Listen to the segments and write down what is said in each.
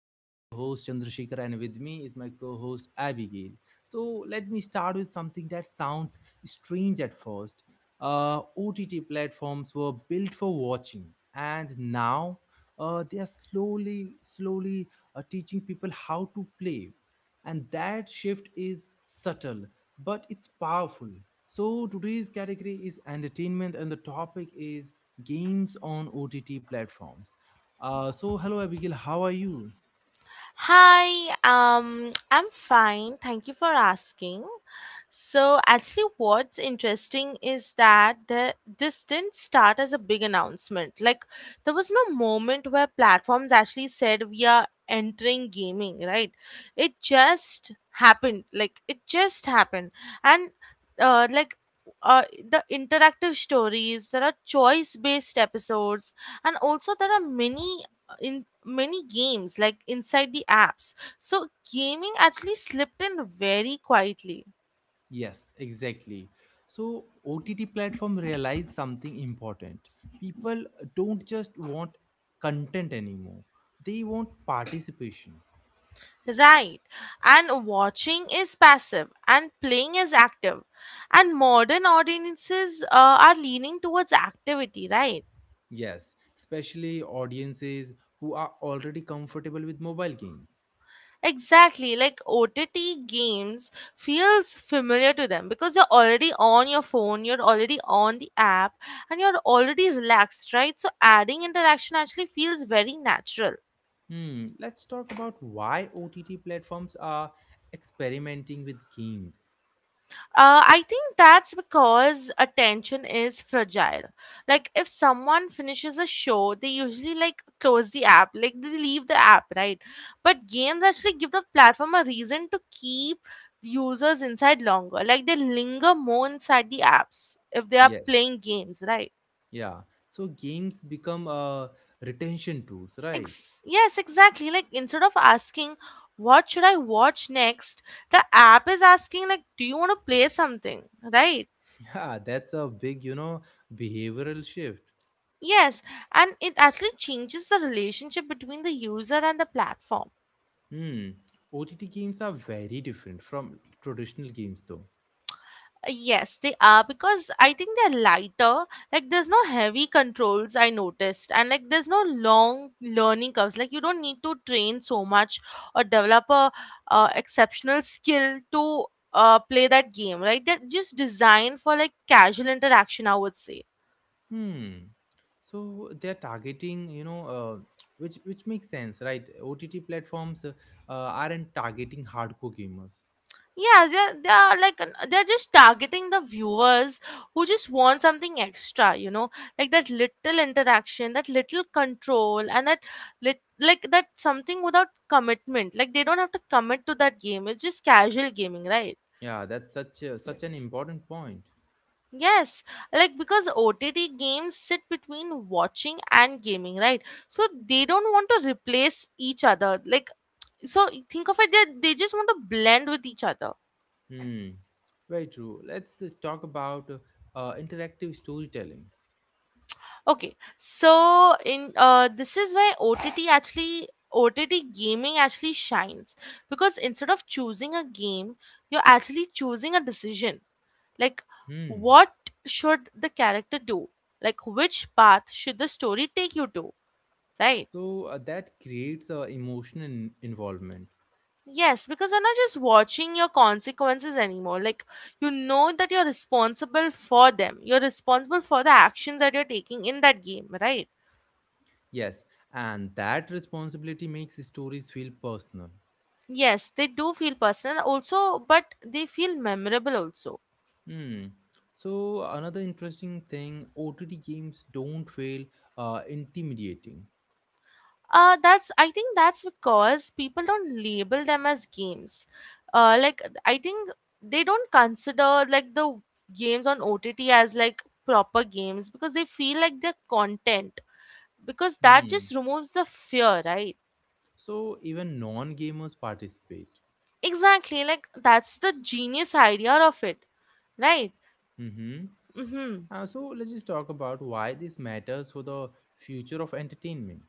I'm your host, Chandrashekhar, and with me is my co host, Abigail. So, let me start with something that sounds strange at first. OTT platforms were built for watching, and now they are slowly teaching people how to play, and that shift is subtle but it's powerful. So today's category is entertainment and the topic is games on OTT platforms. So hello, Abigail, how are you? Hi, I'm fine. Thank you for asking. So, actually, what's interesting is that this didn't start as a big announcement. Like, there was no moment where platforms actually said we are entering gaming, right? It just happened. Like, it just happened. And, uh, like, the interactive stories, there are choice based episodes, and also there are many games like inside the apps. So gaming actually slipped in very quietly. Yes, exactly. So OTT platform realize something important. People don't just want content anymore, they want participation. Right. And watching is passive and playing is active. And modern audiences are leaning towards activity, right? Yes, especially audiences who are already comfortable with mobile games. Exactly. Like OTT games feels familiar to them because you're already on your phone, you're already on the app, and you're already relaxed, right? So adding interaction actually feels very natural. Hmm, let's talk about why OTT platforms are experimenting with games. I think that's because attention is fragile. Like if someone finishes a show, they usually like close the app, like they leave the app, right? But games actually give the platform a reason to keep users inside longer. Like they linger more inside the apps if they are Yes, playing games, right? yeah. So games become retention tools, right? Yes, exactly. Like instead of asking what should I watch next, the app is asking like do you want to play something, right? Yeah, that's a big, you know, behavioral shift. Yes, and it actually changes the relationship between the user and the platform. Hmm. OTT games are very different from traditional games, though. Yes, they are because I think they're lighter. Like there's no heavy controls I noticed, and like there's no long learning curves. Like you don't need to train so much or develop a exceptional skill to play that game. Right? They're just designed for like casual interaction, I would say. Hmm. So they're targeting, you know, which makes sense, right? OTT platforms aren't targeting hardcore gamers. Yeah, they're like they're just targeting the viewers who just want something extra, you know, like that little interaction, that little control, and that lit like that something without commitment. Like they don't have to commit to that game. It's just casual gaming, right? Yeah, that's such a, such an important point. Yes, like because OTT games sit between watching and gaming, right? So they don't want to replace each other. Like so, think of it that they just want to blend with each other. Hmm. Very true. Let's talk about interactive storytelling. Okay, so in uh, this is where OTT actually OTT gaming actually shines because instead of choosing a game, you're actually choosing a decision. Like, Hmm. what should the character do? Like, which path should the story take you to? Right? So that creates emotional involvement. Yes, because you're not just watching your consequences anymore. Like, you know that you're responsible for them. You're responsible for the actions that you're taking in that game, right? Yes, and that responsibility makes stories feel personal. Yes, they do feel personal also, but they feel memorable also. Hmm. So another interesting thing, OTT games don't feel intimidating. That's I think that's because people don't label them as games. Like I think They don't consider like the games on OTT as like proper games because they feel like they're content because that Hmm. just removes the fear, right? So even non-gamers participate. Exactly, like that's the genius idea of it, right? Mm-hmm. Mm-hmm. So let's just talk about why this matters for the future of entertainment.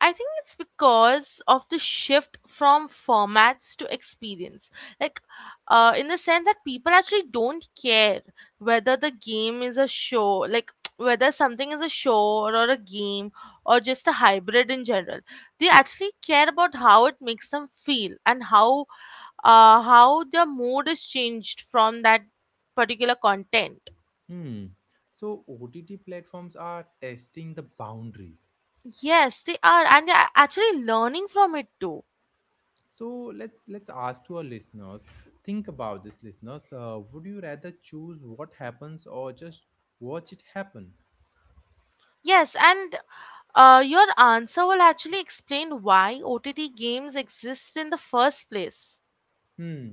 I think it's because of the shift from formats to experience. Like, in the sense that people actually don't care whether the game is a show, like, whether something is a show or a game or just a hybrid in general. They actually care about how it makes them feel and how their mood is changed from that particular content. Hmm. So OTT platforms are testing the boundaries. Yes, they are, and they're actually learning from it too. So let's ask to our listeners. Think about this, listeners. Would you rather choose what happens or just watch it happen? Yes, and your answer will actually explain why OTT games exist in the first place. Hmm.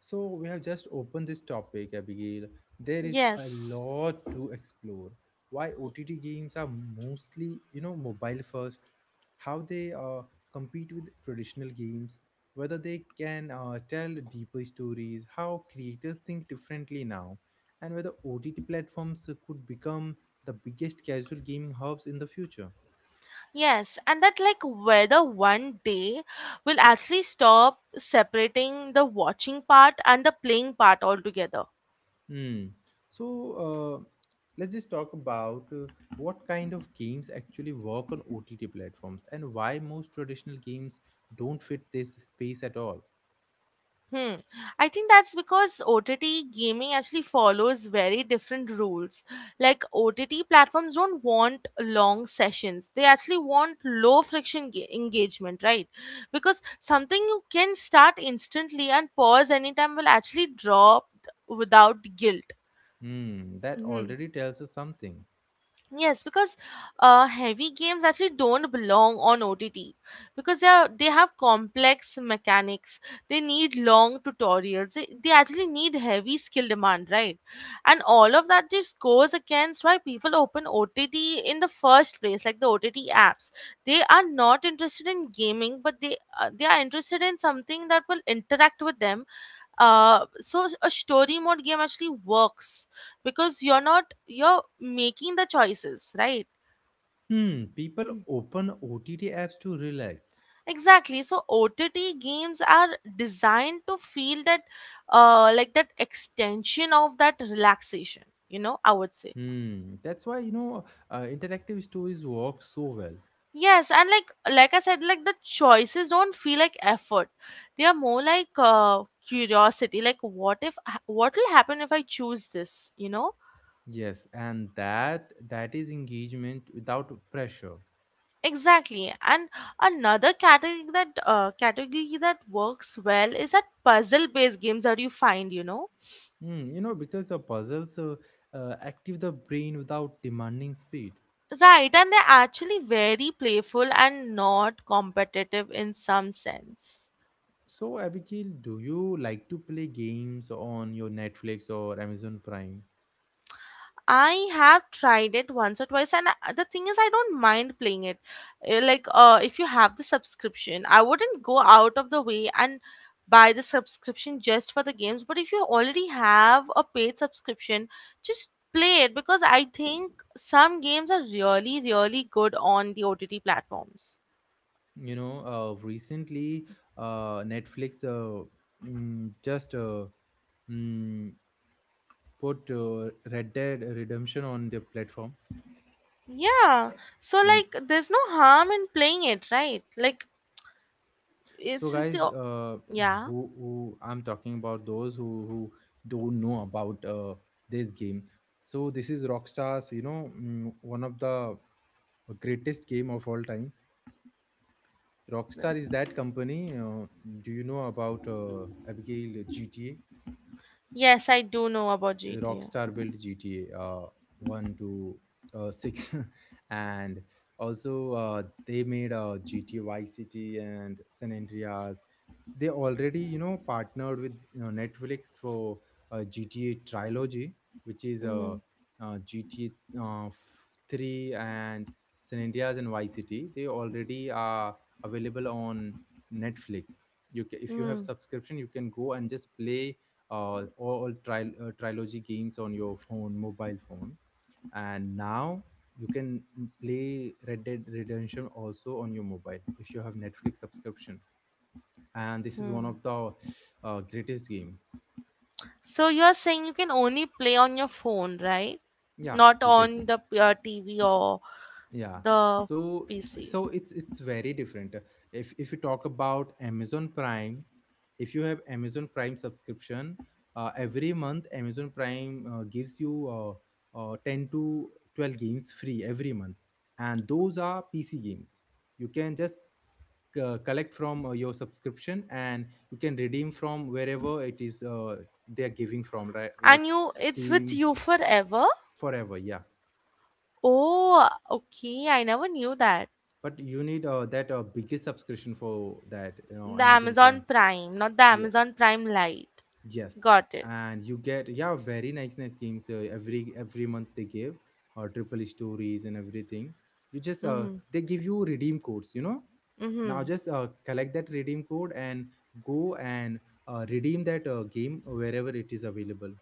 So we have just opened this topic, Abigail. There is a Yes. lot to explore. Why OTT games are mostly, you know, mobile first, how they compete with traditional games, whether they can tell deeper stories, how creators think differently now, and whether OTT platforms could become the biggest casual gaming hubs in the future. Yes, and that like whether one day will actually stop separating the watching part and the playing part altogether. Hmm. So uh, let's just talk about what kind of games actually work on OTT platforms and why most traditional games don't fit this space at all. Hmm. I think that's because OTT gaming actually follows very different rules. Like OTT platforms don't want long sessions. They actually want low friction engagement, right? Because something you can start instantly and pause anytime will actually drop without guilt. Hmm. That Hmm. already tells us something. Yes, because heavy games actually don't belong on OTT because they have complex mechanics. They need long tutorials. They actually need heavy skill demand, right? And all of that just goes against why people open OTT in the first place, like the OTT apps. They are not interested in gaming, but they are interested in something that will interact with them. So a story mode game actually works because you're not you're making the choices, right? S- Hmm. People mm, open OTT apps to relax. exactly, so OTT games are designed to feel that, like that extension of that relaxation, you know, I would say. Hmm. That's why you know interactive stories work so well. Yes, and like I said, like, the choices don't feel like effort. They are more like curiosity, like, what if, what will happen if I choose this, you know? Yes, and that is engagement without pressure. Exactly. And another category that works well is that puzzle-based games that you find, you know. Hmm, you know, because the puzzles active the brain without demanding speed. Right, and they're actually very playful and not competitive in some sense. So, Abigail, do you like to play games on your Netflix or Amazon Prime? I have tried it once or twice, and the thing is, I don't mind playing it. If you have the subscription, I wouldn't go out of the way and buy the subscription just for the games. But if you already have a paid subscription, just play it because I think some games are really, really good on the OTT platforms. You know, recently Netflix just mm, put Red Dead Redemption on their platform. Yeah, so like, there's no harm in playing it, right? Like, it, So, since guys, you, uh, yeah, who, who I'm talking about those who don't know about this game. So, this is Rockstar's, you know, one of the greatest game of all time. Rockstar is that company. Do you know about Abigail, GTA? yes, I do know about GTA. Rockstar built GTA 1 to 6 and also they made GTA Vice City and San Andreas. They already you know partnered with you know Netflix for GTA trilogy, which is Mm-hmm. uh, uh, GTA uh, f- 3 and San Andreas and Vice City. They already are available on Netflix. If you have subscription you can go and just play all trilogy games on your phone, mobile phone, and now you can play Red Dead Redemption also on your mobile if you have Netflix subscription. And this is one Hmm. of the greatest game. So you are saying you can only play on your phone, right? Yeah, Not on exactly. the TV or Yeah, the so PC. so it's very different. If you talk about Amazon Prime, if you have Amazon Prime subscription, every month Amazon Prime gives you 10 to 12 games free every month, and those are PC games. You can just collect from your subscription and you can redeem from wherever it is they are giving from, right? Like And you, it's with Steam, you forever. forever, yeah. Oh, okay. I never knew that. But you need that biggest subscription for that, you know, The Amazon Prime. Amazon Prime, not the Yeah. Amazon Prime Lite. Yes. Got it. And you get, yeah, very nice, nice games every month they give, or triple E stories and everything. You just Mm-hmm. they give you redeem codes, you know. Now Mm-hmm. just collect that redeem code and go and redeem that game wherever it is available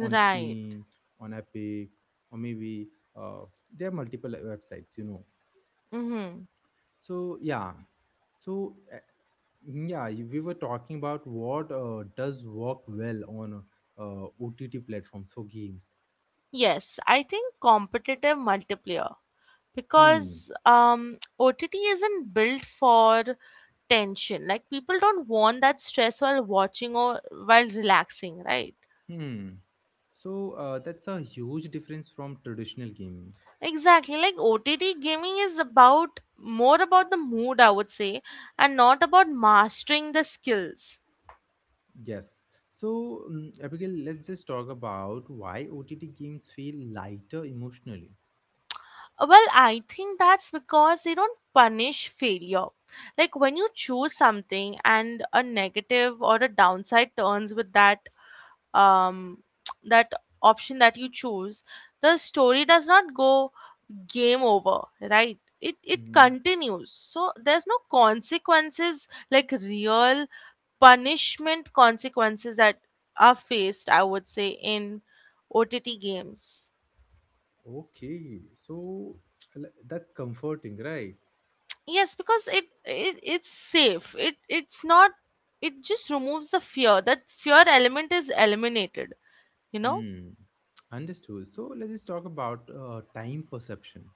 on Steam, on Epic, or maybe uh, there are multiple websites, you know. Mm-hmm. So yeah, so yeah, we were talking about what does work well on OTT platforms for games. Yes, I think competitive multiplayer Hmm. because OTT isn't built for tension. Like people don't want that stress while watching or while relaxing, right? Hmm. So that's a huge difference from traditional gaming. Exactly. Like OTT gaming is about more about the mood, I would say, and not about mastering the skills. Yes. So, Abigail, let's just talk about why OTT games feel lighter emotionally. Well, I think that's because they don't punish failure. Like when you choose something and a negative or a downside turns with that, um, that option that you choose, the story does not go game over, right? It Hmm. continues. So there's no consequences like real punishment consequences that are faced, I would say, in OTT games. Okay. So that's comforting, right? Yes, because it's safe. It it's not. It just removes the fear. That fear element is eliminated, you know. Hmm. Understood. So let's just talk about time perception.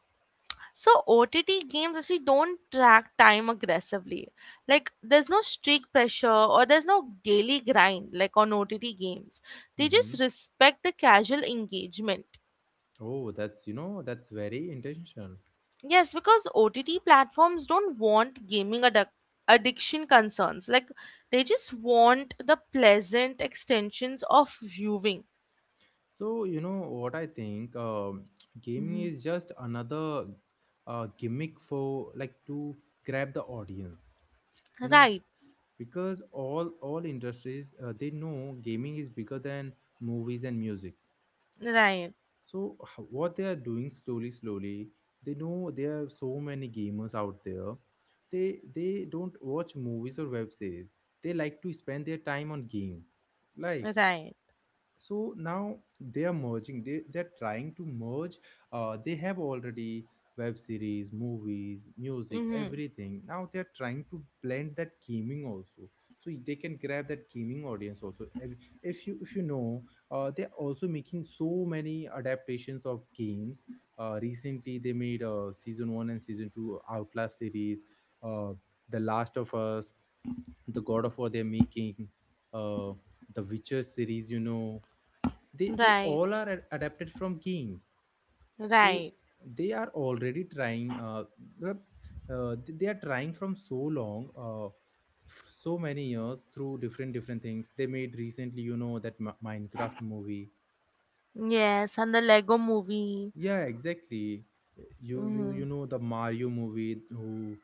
So OTT games actually don't track time aggressively. Like there's no streak pressure or there's no daily grind like on OTT games. They just respect the casual engagement. Oh, that's you know that's very intentional. Yes, because OTT platforms don't want gaming addiction concerns. Like they just want the pleasant extensions of viewing. So you know what I think, gaming Mhm. is just another gimmick for like to grab the audience. You know, Right, because all industries they know gaming is bigger than movies and music. right, So what they are doing slowly, slowly, they know there are so many gamers out there. They don't watch movies or web series. They like to spend their time on games like. right. So now they are merging. They they're trying to merge. They have already web series, movies, music, Mm-hmm. everything. Now they're trying to blend that gaming also, so they can grab that gaming audience also. If you, if you know, they're also making so many adaptations of games. Recently they made season 1 and season 2 Outlast series, uh, the Last of Us, the God of War, they're making, uh, the Witcher series, you know. They Right, all are adapted from games. So right. they are already trying the- they are trying from so long, so many years, through different different things they made recently. You know that Minecraft movie. Yes, and the Lego movie. Yeah, exactly. you you Mhm. you know the Mario movie, who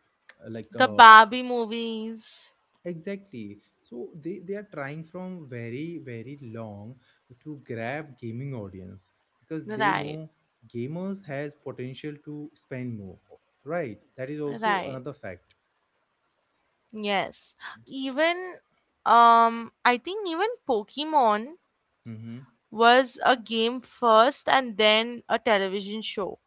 uh, like The uh, Barbie movies. Exactly. So they are trying from very, very long to grab gaming audience because they Right. know gamers has potential to spend more. Right. That is also Right. another fact. Yes. Even I think even Pokemon Mm-hmm. was a game first and then a television show.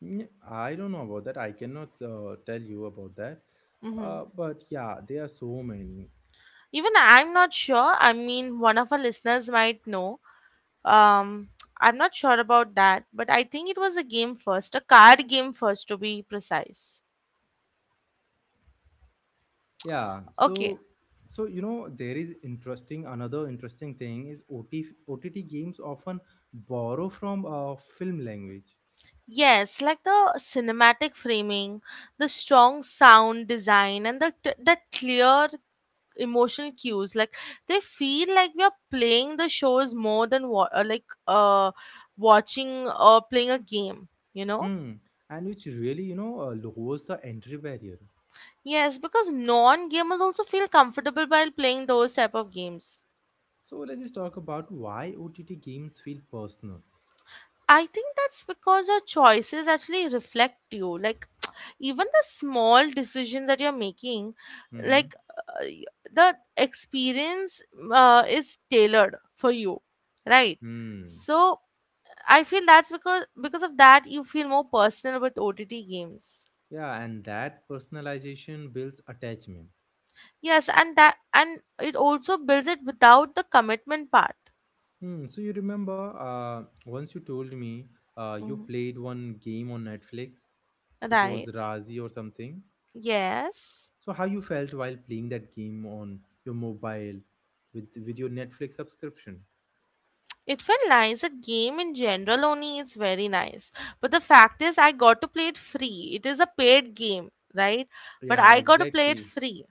Yeah, I don't know about that. I cannot tell you about that. Hmm. But yeah, there are so many. Even I'm not sure. I mean, one of our listeners might know. Um I'm not sure about that, but I think it was a game first, a card game first to be precise. Yeah. Okay. So so you know there is interesting, another interesting thing is OTOTT games often borrow from film language. Yes, like the cinematic framing, the strong sound design, and the that clear emotional cues. Like they feel like we are playing the shows more than watching or playing a game, you know? Hmm, and which really, you know, lowers the entry barrier. Yes, because non-gamers also feel comfortable while playing those type of games. So let's just talk about why OTT games feel personal. I think that's because your choices actually reflect you. Like, even the small decision that you're making, Mm-hmm. like, the experience is tailored for you, right? Hmm. So, I feel that's because of that you feel more personal with OTT games. Yeah, and that personalization builds attachment. Yes, and that and it also builds it without the commitment part. Hmm. So you remember, once you told me, you Mhm. played one game on Netflix. It was Right? Razi or something. Yes. So how you felt while playing that game on your mobile with your Netflix subscription? It felt nice. The game in general only is very nice. But the fact is, I got to play it free. It is a paid game, right? But Yeah, I got to play it exactly. free,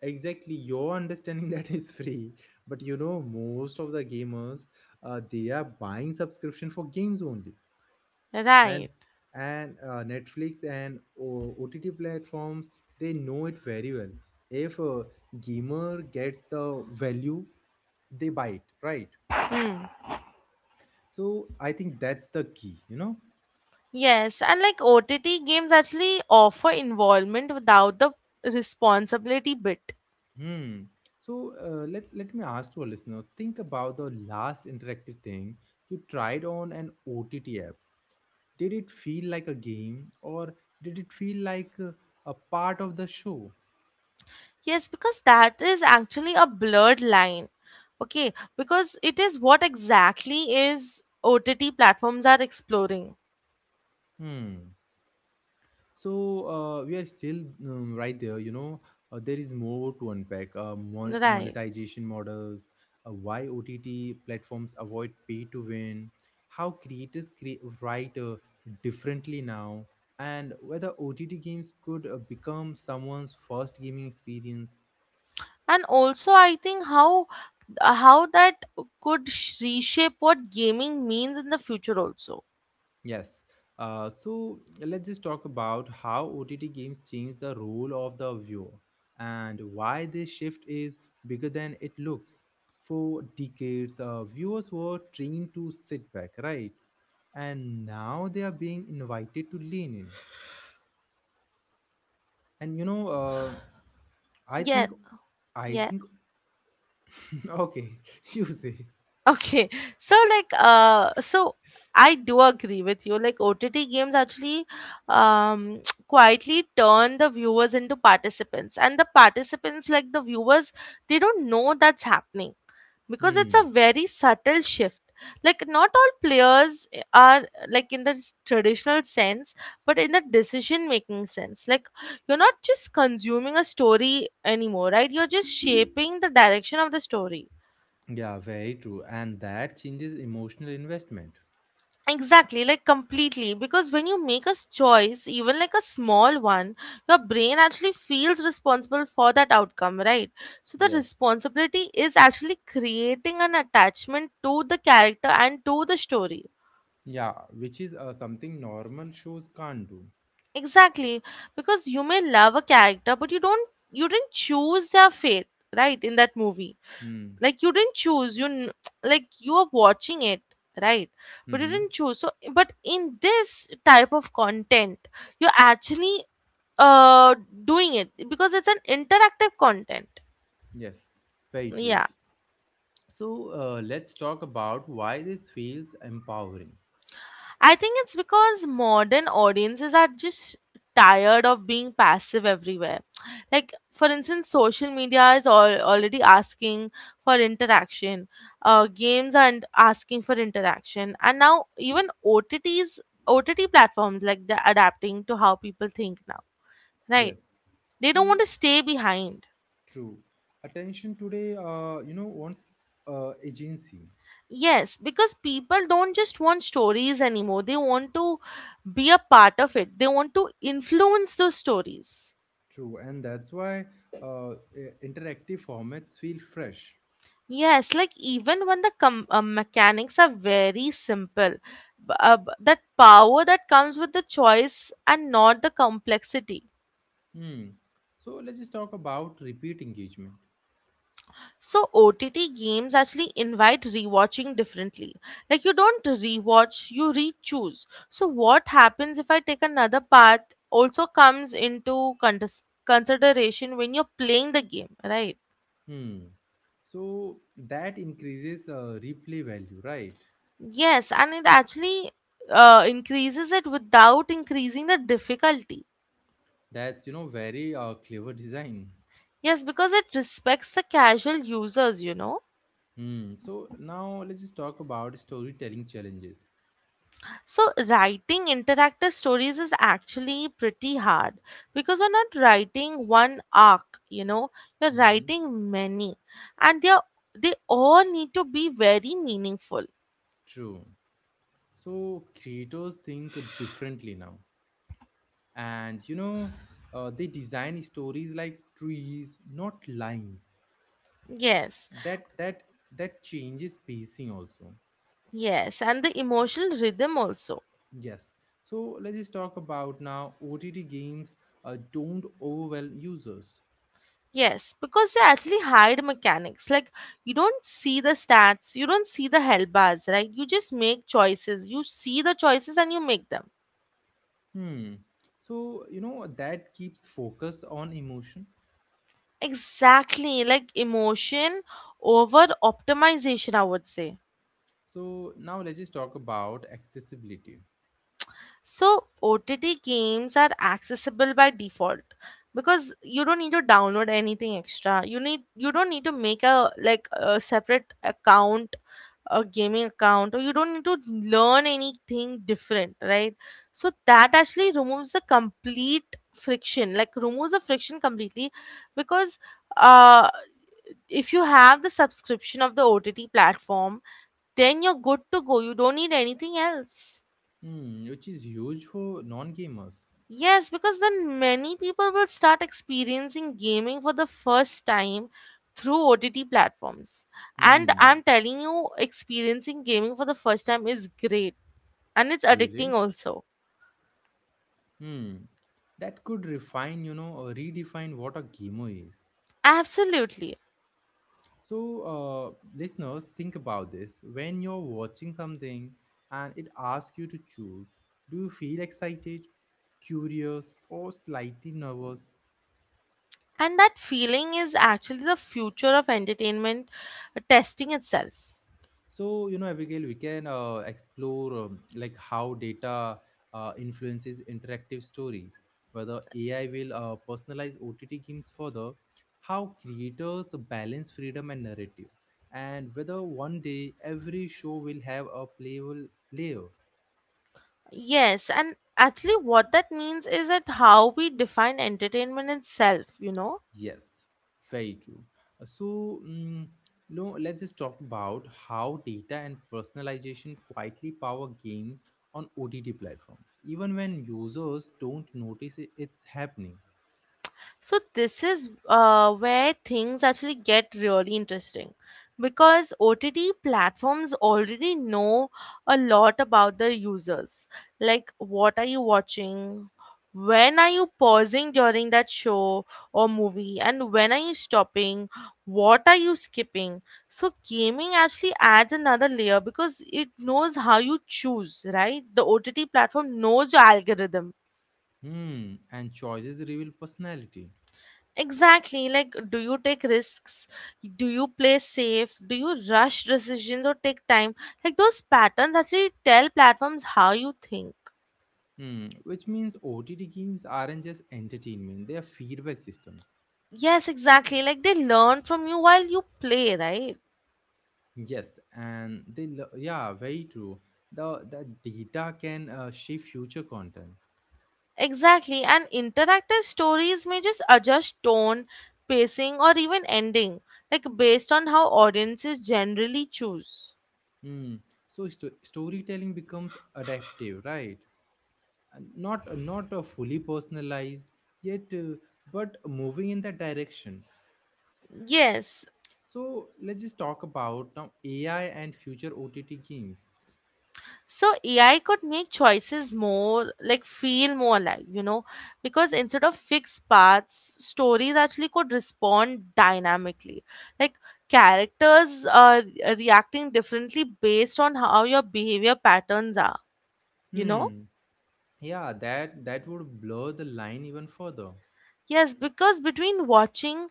Exactly, your understanding that is free. But you know most of the gamers they are buying subscription for games only. and right? and Netflix and OTT platforms, they know it very well. If a gamer gets the value, they buy it, right? Hmm. So I think that's the key, you know. Yes, and like OTT games actually offer involvement without the responsibility bit. Hmm. So let me ask to our listeners, think about the last interactive thing you tried on an OTT app. Did it feel like a game or did it feel like a part of the show? Yes, because that is actually a blurred line. Okay, because it is what exactly is OTT platforms are exploring, Hmm. So we are still right there, you know. There is more to unpack. Right? Monetization models, why OTT platforms avoid pay to win, how creators create write differently now, and whether OTT games could become someone's first gaming experience. And also, I think how that could reshape what gaming means in the future also. Yes. So let's just talk about how OTT games change the role of the viewer and why this shift is bigger than it looks. For decades, viewers were trained to sit back, right? And now they are being invited to lean in. And you know, I yeah think, I yeah think, okay, you say. okay, so I do agree with you. Like, OTT games actually um quietly turn the viewers into participants, and the participants, like the viewers, they don't know that's happening because it's Hmm. a very subtle shift. Like not all players are like in the traditional sense, but in the decision making sense. Like you're not just consuming a story anymore, right? You're just shaping the direction of the story. Yeah, very true. And that changes emotional investment. Exactly, like completely, because when you make a choice, even like a small one, your brain actually feels responsible for that outcome, right? So the Yes. responsibility is actually creating an attachment to the character and to the story. Yeah, which is something normal shows can't do. Exactly, because you may love a character, but you didn't choose their fate, right? In that movie, Hmm. like you didn't choose, like you are watching it, right? But you Mm-hmm. didn't choose. But in this type of content, you're actually uh doing it because it's an interactive content. Yes, very true. Yeah. So let's talk about why this feels empowering. I think it's because modern audiences are just tired of being passive everywhere. Like, for instance, social media is all already asking for interaction. Games are asking for interaction, and now even OTTs, OTT platforms like they're adapting to how people think now. Right? Yes, They don't want so to stay behind. true. Attention today, you know, wants agency. Yes, because people don't just want stories anymore. They want to be a part of it. They want to influence those stories. True, and that's why interactive formats feel fresh. Yes, like even when the mechanics are very simple, that power that comes with the choice and not the complexity. Hmm. So let's just talk about repeat engagement. So OTT games actually invite rewatching differently. Like you don't rewatch, you re-choose. So what happens if I take another path also comes into consideration when you're playing the game, right? Hmm. So that increases replay value, right? Yes, and it actually increases it without increasing the difficulty. That's, you know, very clever design. Yes, because it respects the casual users, you know. Hmm. So now let's just talk about storytelling challenges. So, writing interactive stories is actually pretty hard because you're not writing one arc, you know, you're Mm-hmm. writing many, and they all need to be very meaningful. True. So creators think differently now. And, you know, they design stories like trees, not lines. Yes, That that that changes pacing also. yes, and the emotional rhythm also. Yes. So let's just talk about now OTT games don't overwhelm users. Yes, because they actually hide mechanics. Like you don't see the stats, you don't see the help bars, right? You just make choices. You see the choices and you make them. Hmm. So, you know, that keeps focus on emotion. Exactly, like emotion over optimization, I would say. So now let's just talk about accessibility. So, OTT games are accessible by default because you don't need to download anything extra. You don't need to make a like a separate account, a gaming account, or you don't need to learn anything different, right? So that actually removes the complete friction, like removes the friction completely because uh if you have the subscription of the OTT platform, then you're good to go. You don't need anything else. Hmm, which is huge for non-gamers. Yes, because then many people will start experiencing gaming for the first time through OTT platforms. And Hmm, I'm telling you, experiencing gaming for the first time is great and it's addicting really? also. Hmm, that could refine, you know, or redefine what a gamer is. Absolutely. So, listeners, think about this. When you're watching something and it asks you to choose, do you feel excited, curious, or slightly nervous? And that feeling is actually the future of entertainment testing itself. So, Abigail, we can explore like how data influences interactive stories, whether AI will personalize OTT games further, how creators balance freedom and narrative, and whether one day every show will have a playable layer. Yes, and actually, what that means is that how we define entertainment itself, you know. Yes, very true. So, no, let's just talk about how data and personalization quietly power games on OTT platforms, even when users don't notice it, it's happening. So this is where things actually get really interesting because OTT platforms already know a lot about the users. Like what are you watching? When are you pausing during that show or movie? And when are you stopping? What are you skipping? So gaming actually adds another layer because it knows how you choose, right? The OTT platform knows your algorithm. Hmm, and choices reveal personality. Exactly. Like, do you take risks? Do you play safe? Do you rush decisions or take time? Like, those patterns actually tell platforms how you think. Hmm, which means OTT games aren't just entertainment; they are feedback systems. Yes, exactly. Like, they learn from you while you play, right? Yes, and yeah, very true. The data can shape future content. Exactly. And interactive stories may just adjust tone, pacing, or even ending, like, based on how audiences generally choose. Hmm. So storytelling becomes adaptive, right? And not fully personalized yet, but moving in that direction. Yes. So let's just talk about now AI and future OTT games. So AI could make choices more like feel more alive, you know, because instead of fixed paths, stories actually could respond dynamically. Like characters are reacting differently based on how your behavior patterns are, you know? Hmm. Yeah, that would blur the line even further. Yes, because between watching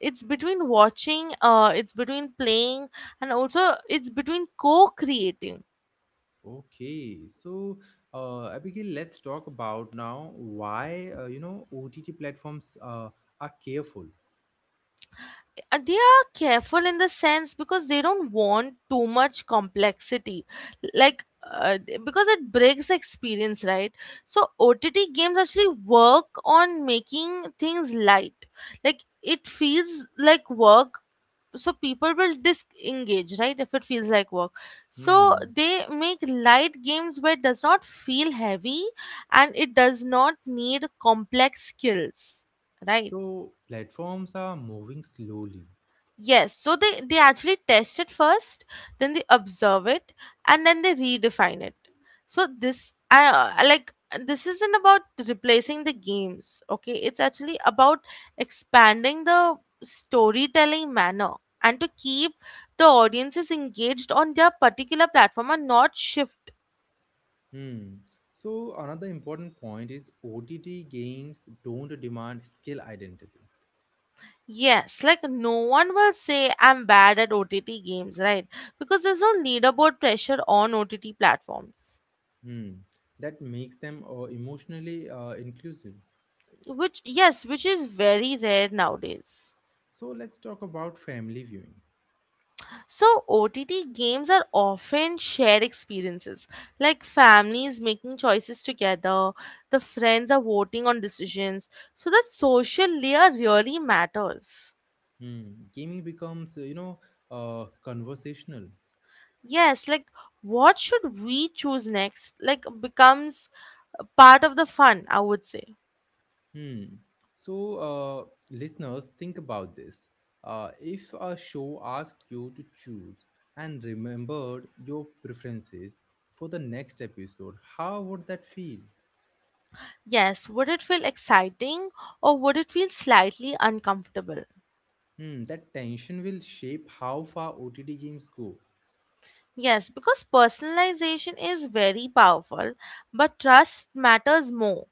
it's between watching, it's between playing, and also it's between co-creating. Okay, so Abigail, let's talk about now why OTT platforms are careful. They are careful in the sense because they don't want too much complexity like uh, because it breaks the experience, right? So OTT games actually work on making things light, like it feels like work, so people will disengage, right, if it feels like work. So Hmm. they make light games where it does not feel heavy and it does not need complex skills, right? So platforms are moving slowly. Yes, so they actually test it first, then they observe it, and then they redefine it. So this I like this isn't about replacing the games, okay? It's actually about expanding the storytelling manner and to keep the audiences engaged on their particular platform and not shift. Hmm. So another important point is OTT games don't demand skill identity. Yes, like no one will say I'm bad at OTT games, right? Because there's no leaderboard pressure on OTT platforms. Hmm. That makes them emotionally inclusive. Which, yes, which is very rare nowadays. So let's talk about family viewing. So OTT games are often shared experiences, like families making choices together, the friends are voting on decisions, so the social layer really matters. Hmm. Gaming becomes conversational. Yes, like what should we choose next, like, becomes part of the fun, I would say. Hmm. So uh, listeners, think about this. If a show asked you to choose and remembered your preferences for the next episode, how would that feel? Yes, would it feel exciting or would it feel slightly uncomfortable? Hmm, that tension will shape how far OTT games go. Yes, because personalization is very powerful, but trust matters more.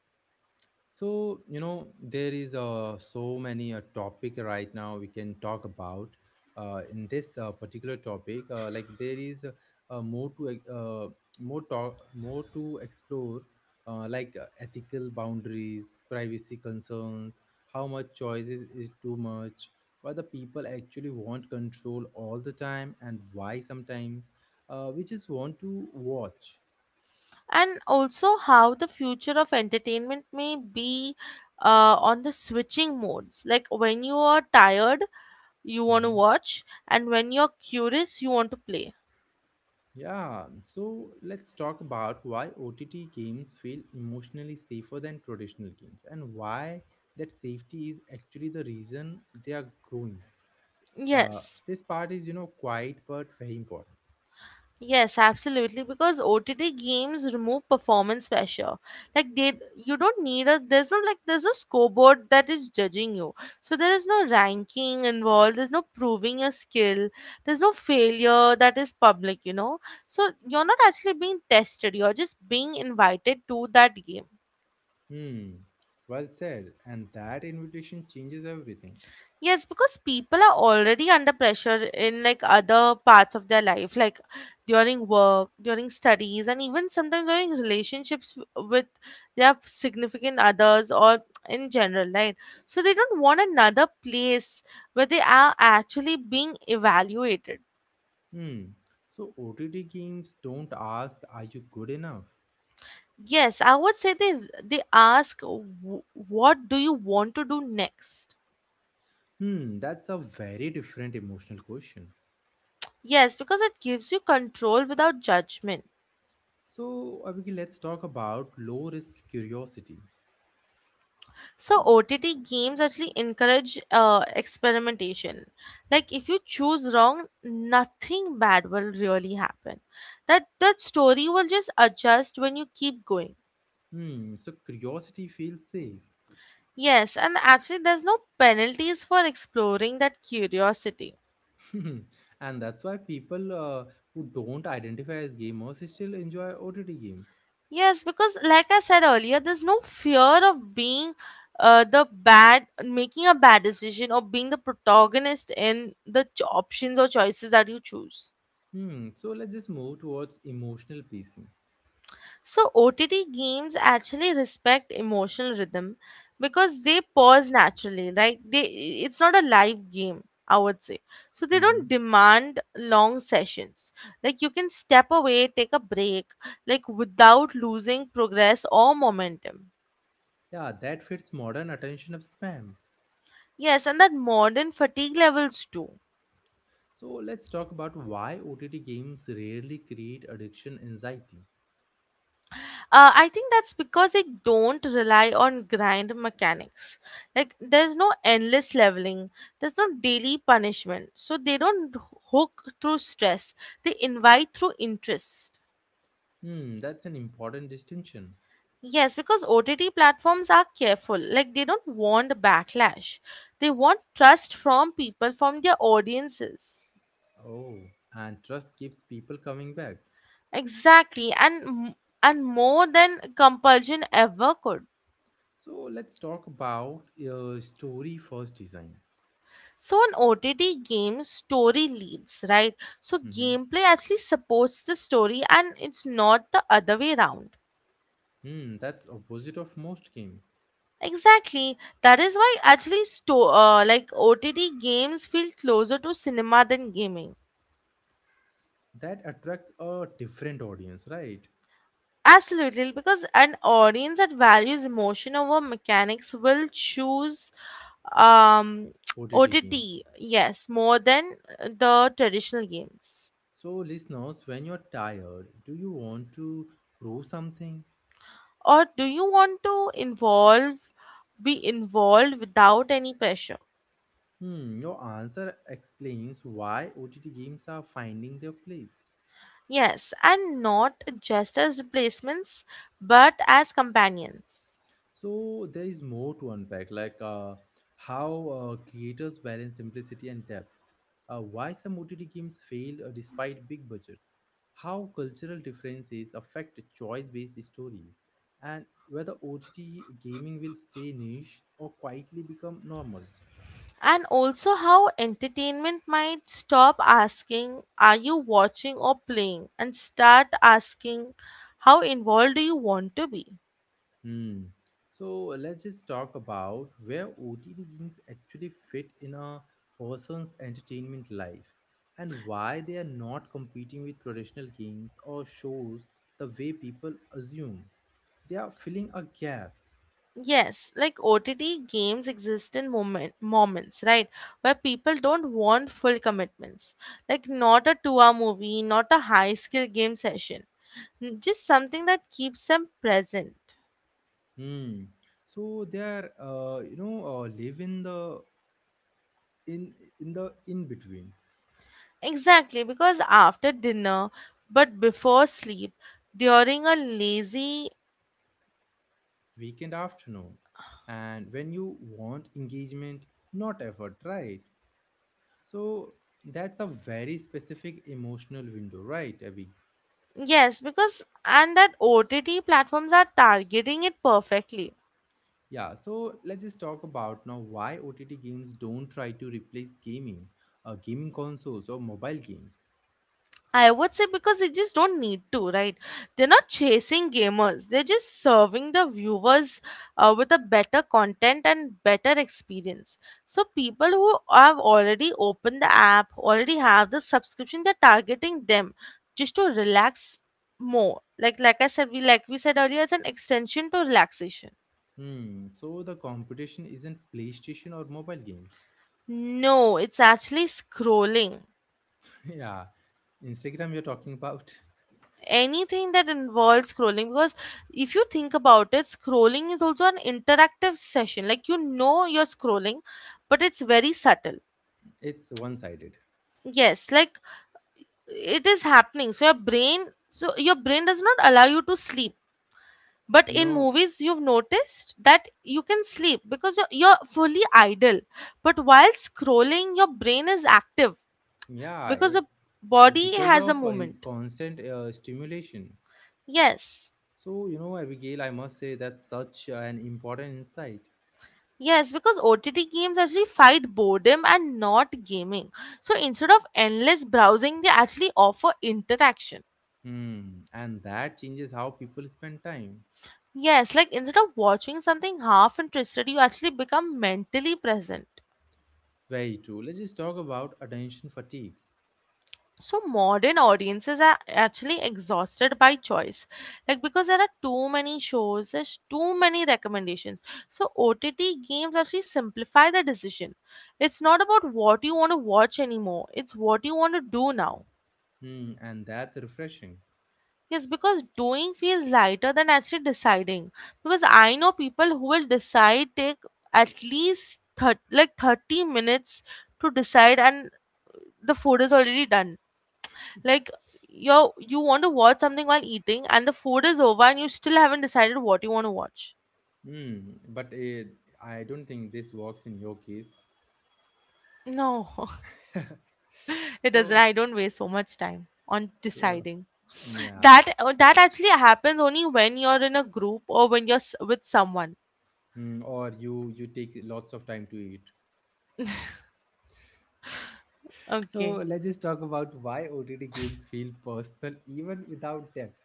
So, there is so many a topic right now we can talk about. In this particular topic, like there is uh, more to uh, more talk, more to explore, like ethical boundaries, privacy concerns, how much choices is too much. Why the people actually want control all the time, and why sometimes we just want to watch. And also, how the future of entertainment may be on the switching modes. Like when you are tired, you want to Mhm. watch, and when you're curious, you want to play. Yeah, so let's talk about why OTT games feel emotionally safer than traditional games and why that safety is actually the reason they are growing. Uh, Yes. this part is, quiet but very important. Yes, absolutely. Because OTT games remove performance pressure. Like they, you don't need a. There's There's no scoreboard that is judging you. So there is no ranking involved. There's no proving your skill. There's no failure that is public. You know. So you're not actually being tested. You're just being invited to that game. Hmm, well said. And that invitation changes everything. Yes, because people are already under pressure in like other parts of their life, like during work, during studies, and even sometimes during relationships with their significant others or in general, right? So they don't want another place where they are actually being evaluated. Hmm, so OTT games don't ask, are you good enough? Yes, I would say they ask, what do you want to do next?" Hmm, that's a very different emotional question. Yes, because it gives you control without judgment. So, Abhiki, let's talk about low risk curiosity. So OTT games actually encourage experimentation. Like if you choose wrong, nothing bad will really happen. That story will just adjust when you keep going. Hmm, so curiosity feels safe. Yes, and actually there's no penalties for exploring that curiosity. And that's why people who don't identify as gamers still enjoy OTT games. Yes, because like I said earlier, there's no fear of being the bad, making a bad decision or being the protagonist in the options or choices that you choose. Hmm, so let's just move towards emotional pacing. So OTT games actually respect emotional rhythm because they pause naturally, right? They It's not a live game, I would say. So they Hmm. don't demand long sessions. Like you can step away, take a break, like without losing progress or momentum. Yeah, that fits modern attention of spam. Yes, and that modern fatigue levels too. So let's talk about why OTT games rarely create addiction anxiety. I think that's because they don't rely on grind mechanics. Like, there's no endless leveling, there's no daily punishment. So, they don't hook through stress, they invite through interest. Hmm, that's an important distinction. Yes, because OTT platforms are careful. Like, they don't want backlash, they want trust from people, from their audiences. Oh, and trust keeps people coming back. Exactly. And more than compulsion ever could. So let's talk about story first design. So on OTT games, story leads, right? So Mhm. gameplay actually supports the story and it's not the other way around. Hmm, that's opposite of most games. Exactly. That is why actually OTT games feel closer to cinema than gaming. That attracts a different audience, right? Absolutely, because an audience that values emotion over mechanics will choose um, OTT games. OTT, yes, more than the traditional games. So listeners, when you're tired, do you want to prove something? Or do you want to involve be involved without any pressure? Hmm, your answer explains why OTT games are finding their place. Yes, and not just as replacements but as companions. So there is more to unpack, like how creators balance simplicity and depth, why some OTT games fail despite big budgets, how cultural differences affect choice-based stories, and whether OTT gaming will stay niche or quietly become normal. And also how entertainment might stop asking are you watching or playing and start asking how involved do you want to be. Hmm. So let's just talk about where OTT games actually fit in a person's entertainment life and why they are not competing with traditional games or shows the way people assume. They are filling a gap. Yes, like OTT games exist in moments, right? Where people don't want full commitments. Like, not a 2 hour movie, not a high skill game session. Just something that keeps them present. Hmm. So they are, live in the in in between Exactly, because after dinner, but before sleep, during a lazy. weekend afternoon, and when you want engagement, not effort, right? So that's a very specific emotional window, right, Abby? Yes, because. And that OTT platforms are targeting it perfectly. Yeah, so let's just talk about now why OTT games don't try to replace gaming, gaming consoles or mobile games. I would say because they just don't need to, right? They're not chasing gamers. They're just serving the viewers with a better content and better experience. So people who have already opened the app, already have the subscription, they're targeting them just to relax more. Like we said earlier, it's an extension to relaxation. Hmm, so the competition isn't PlayStation or mobile games. No, it's actually scrolling. Yeah, Instagram you're talking about. Anything that involves scrolling, because if you think about it, scrolling is also an interactive session, like, you know, you're scrolling but it's very subtle. It's one-sided. Yes, like it is happening, so your brain does not allow you to sleep, but You in know, movies you've noticed that you can sleep because you're fully idle, but while scrolling your brain is active yeah, because the body because has a of movement. constant stimulation. Yes. So, Abigail, I must say that's such an important insight. Yes, because OTT games actually fight boredom and not gaming. So instead of endless browsing, they actually offer interaction. Hmm, and that changes how people spend time. Yes, like instead of watching something half interested, you actually become mentally present. Very true. Let's just talk about attention fatigue. So modern audiences are actually exhausted by choice. Like because there are too many shows, there's too many recommendations. So OTT games actually simplify the decision. It's not about what you want to watch anymore, it's what you want to do now. Hmm, and that's refreshing. Yes, because doing feels lighter than actually deciding. Because I know people who will decide take at least 30 minutes to decide and the food is already done. Like you want to watch something while eating and the food is over and you still haven't decided what you want to watch. Hmm, but I don't think this works in your case. No, it doesn't. So, I don't waste so much time on so, deciding. yeah. That actually happens only when you're in a group or when you're with someone. Hmm, or you take lots of time to eat. So Okay. let's just talk about why OTT games feel personal even without depth.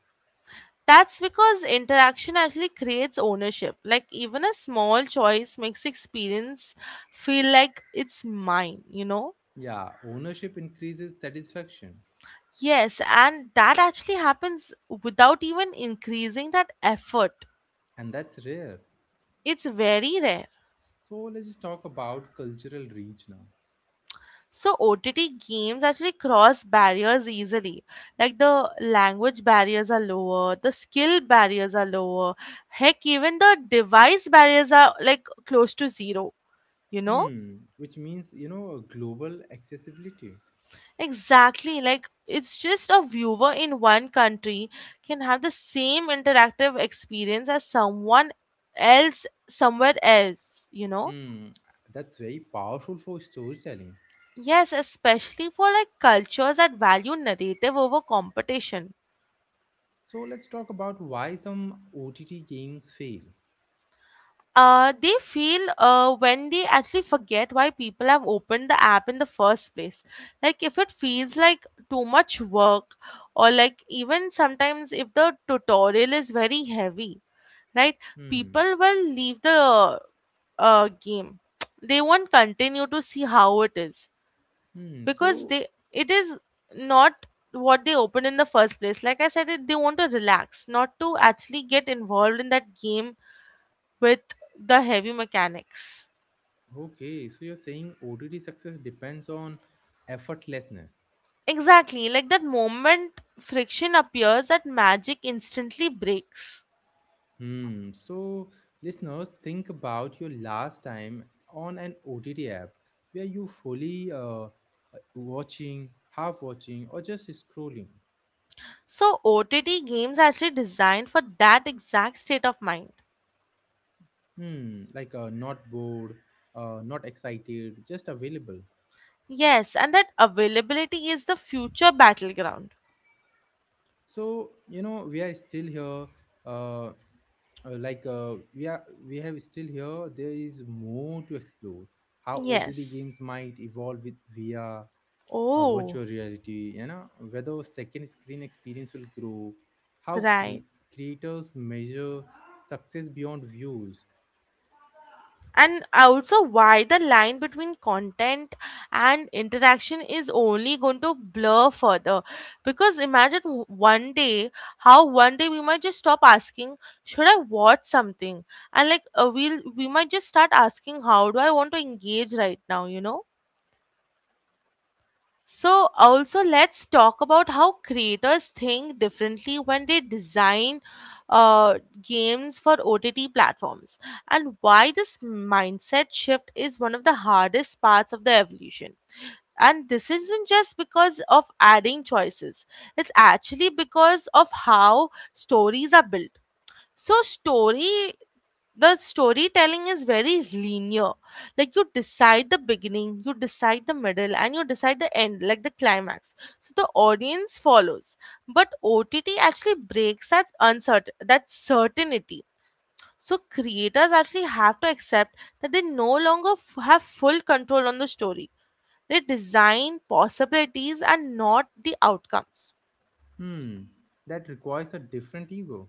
That's because interaction actually creates ownership. Like even a small choice makes experience feel like it's mine, you know? Yeah, ownership increases satisfaction, Yes, and that actually happens without even increasing that effort. and that's rare. It's very rare. So let's just talk about cultural reach now. So OTT games actually cross barriers easily. Like the language barriers are lower, the skill barriers are lower. Heck, even the device barriers are like close to zero, you know? Hmm, which means, global accessibility. Exactly. Like it's just a viewer in one country can have the same interactive experience as someone else somewhere else, you know? Hmm, that's very powerful for storytelling. Yes, especially for like cultures that value narrative over competition. So let's talk about why some OTT games fail. They feel when they actually forget why people have opened the app in the first place. Like, if it feels like too much work, or like even sometimes if the tutorial is very heavy, right, Hmm, people will leave the game. They won't continue to see how it is, hmm. because So, they it is not what they opened in the first place. Like I said, it, they want to relax, not to actually get involved in that game with the heavy mechanics. okay, so you're saying OTT success depends on effortlessness. Exactly, like that moment friction appears, that magic instantly breaks. Hmm. So, listeners, think about your last time on an OTT app where you fully watching, half watching, or just scrolling. So OTT games are actually designed for that exact state of mind. Hmm, like not bored, not excited, just available. Yes, and that availability is the future battleground. So, we are still here, like, we have still here, there is more to explore how OTD Yes. games might evolve with VR, Oh, virtual reality, whether second screen experience will grow, how right. Creators measure success beyond views. And also, why the line between content and interaction is only going to blur further. Because imagine one day we might just stop asking, should I watch something? And like, we might just start asking, how do I want to engage right now, you know? So, also, let's talk about how creators think differently when they design games for OTT platforms, and why this mindset shift is one of the hardest parts of the evolution. And this isn't just because of adding choices, it's actually because of how stories are built. So, story the storytelling is very linear. Like you decide the beginning, you decide the middle, and you decide the end, like the climax. So the audience follows, but OTT actually breaks that uncertain that certainty. So creators actually have to accept that they no longer have full control on the story. They design possibilities and not the outcomes. Hmm, that requires a different ego.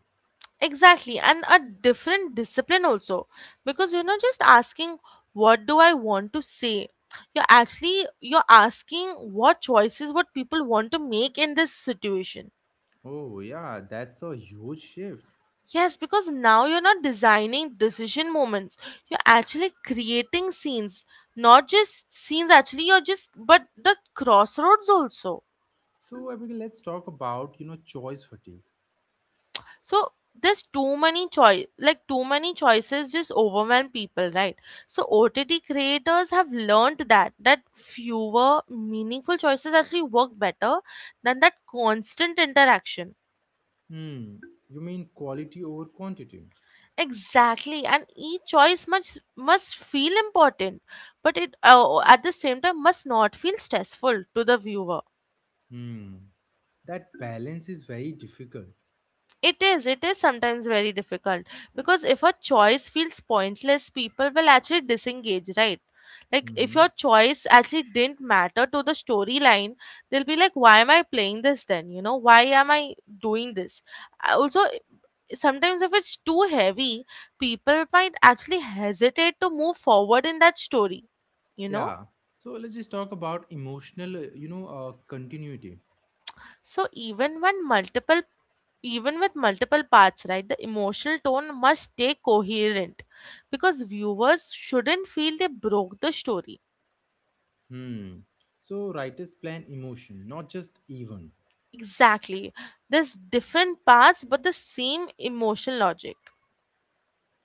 Exactly, and a different discipline also, because you're not just asking what do I want to say. You're asking what choices what people want to make in this situation. Oh yeah, that's a huge shift. Yes, because now you're not designing decision moments. You're actually creating scenes, not just scenes, actually you're just but the crossroads also. So, Abigail, let's talk about, choice fatigue. So there's too many choice, like too many choices just overwhelm people, right? So OTT creators have learned that fewer meaningful choices actually work better than that constant interaction. Hmm. You mean quality over quantity? Exactly, and each choice must feel important, but it at the same time must not feel stressful to the viewer. Hmm. That balance is very difficult. It is sometimes very difficult, because if a choice feels pointless, people will actually disengage, right? Like, if Mm-hmm. your choice actually didn't matter to the storyline, they'll be like, why am I playing this then? You know, why am I doing this? I also, sometimes if it's too heavy, people might actually hesitate to move forward in that story, you know? Yeah. So let's just talk about emotional, continuity. So, even with multiple parts, right, the emotional tone must stay coherent, because viewers shouldn't feel they broke the story. Hmm. So writers plan emotion, not just events. Exactly, there's different parts but the same emotional logic.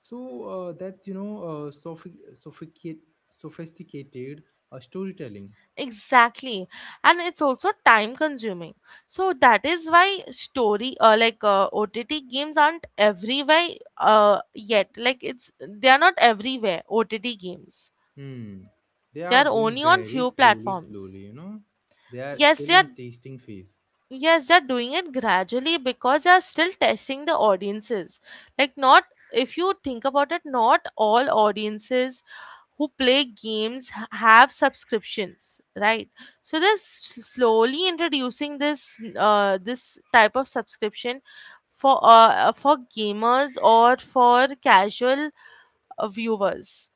So that's sophisticated, sophisticated storytelling. Exactly, and it's also time consuming. So that is why story like OTT games aren't everywhere yet. Like it's they are not everywhere, OTT games. Hmm. They They are are going only on very few slowly, platforms. slowly. They are Yes, still they are. in tasting phase. Yes, they're doing it gradually because they're still testing the audiences. Like, not if you think about it, not all audiences who play games have subscriptions, right? So they're slowly introducing this this type of subscription for gamers or for casual viewers.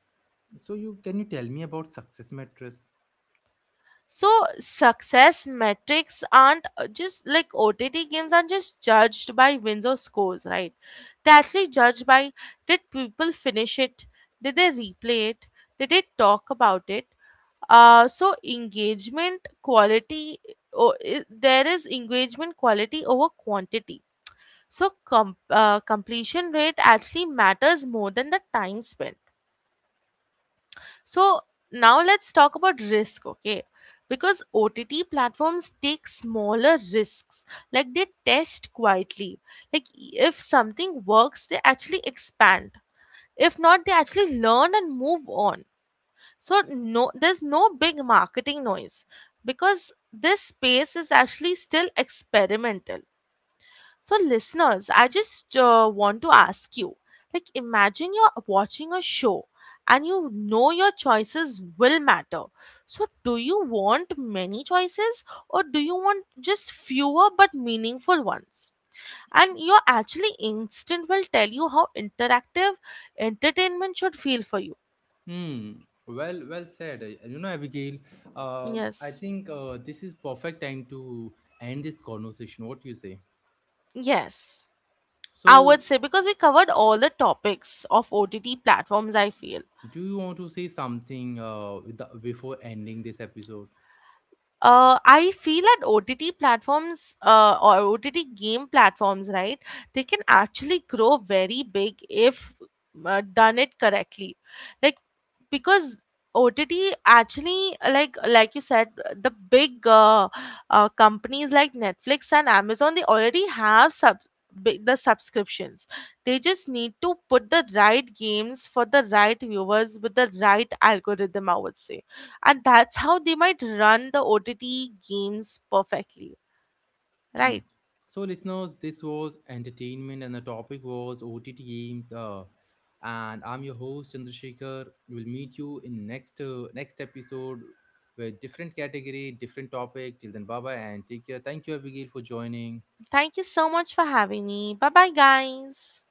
So you can you tell me about success matrix? So success metrics aren't just like OTT games aren't just judged by wins or scores, right? They actually judged by, did people finish it? Did they replay it? Did they talk about it? So engagement quality, or there is engagement quality over quantity. So completion rate actually matters more than the time spent. So now let's talk about risk, okay? Because OTT platforms take smaller risks, like they test quietly. Like if something works, they actually expand. If not, they actually learn and move on. So no, there's no big marketing noise because this space is actually still experimental. So, listeners, I just want to ask you, like, imagine you're watching a show and you know your choices will matter. So, do you want many choices or do you want just fewer but meaningful ones? And your actually instinct will tell you how interactive entertainment should feel for you. Hmm. Well, well said. Abigail, I Yes. think this is perfect time to end this conversation. What do you say? Yes. I So, would say because we covered all the topics of OTT platforms, I feel. do you want to say something before ending this episode? I feel that OTT platforms or OTT game platforms, right? They can actually grow very big if done it correctly. Like, because OTT actually, like you said, the big companies like Netflix and Amazon, they already have the subscriptions. They just need to put the right games for the right viewers with the right algorithm, I would say, and that's how they might run the OTT games perfectly, Hmm. right. So, listeners, this was entertainment, and the topic was OTT games. And I'm your host Chandrasekhar. We'll meet you in next next episode with different category, different topic. Till then, bye bye, and take care. Thank you, Abigail, for joining. Thank you so much for having me. Bye bye, guys.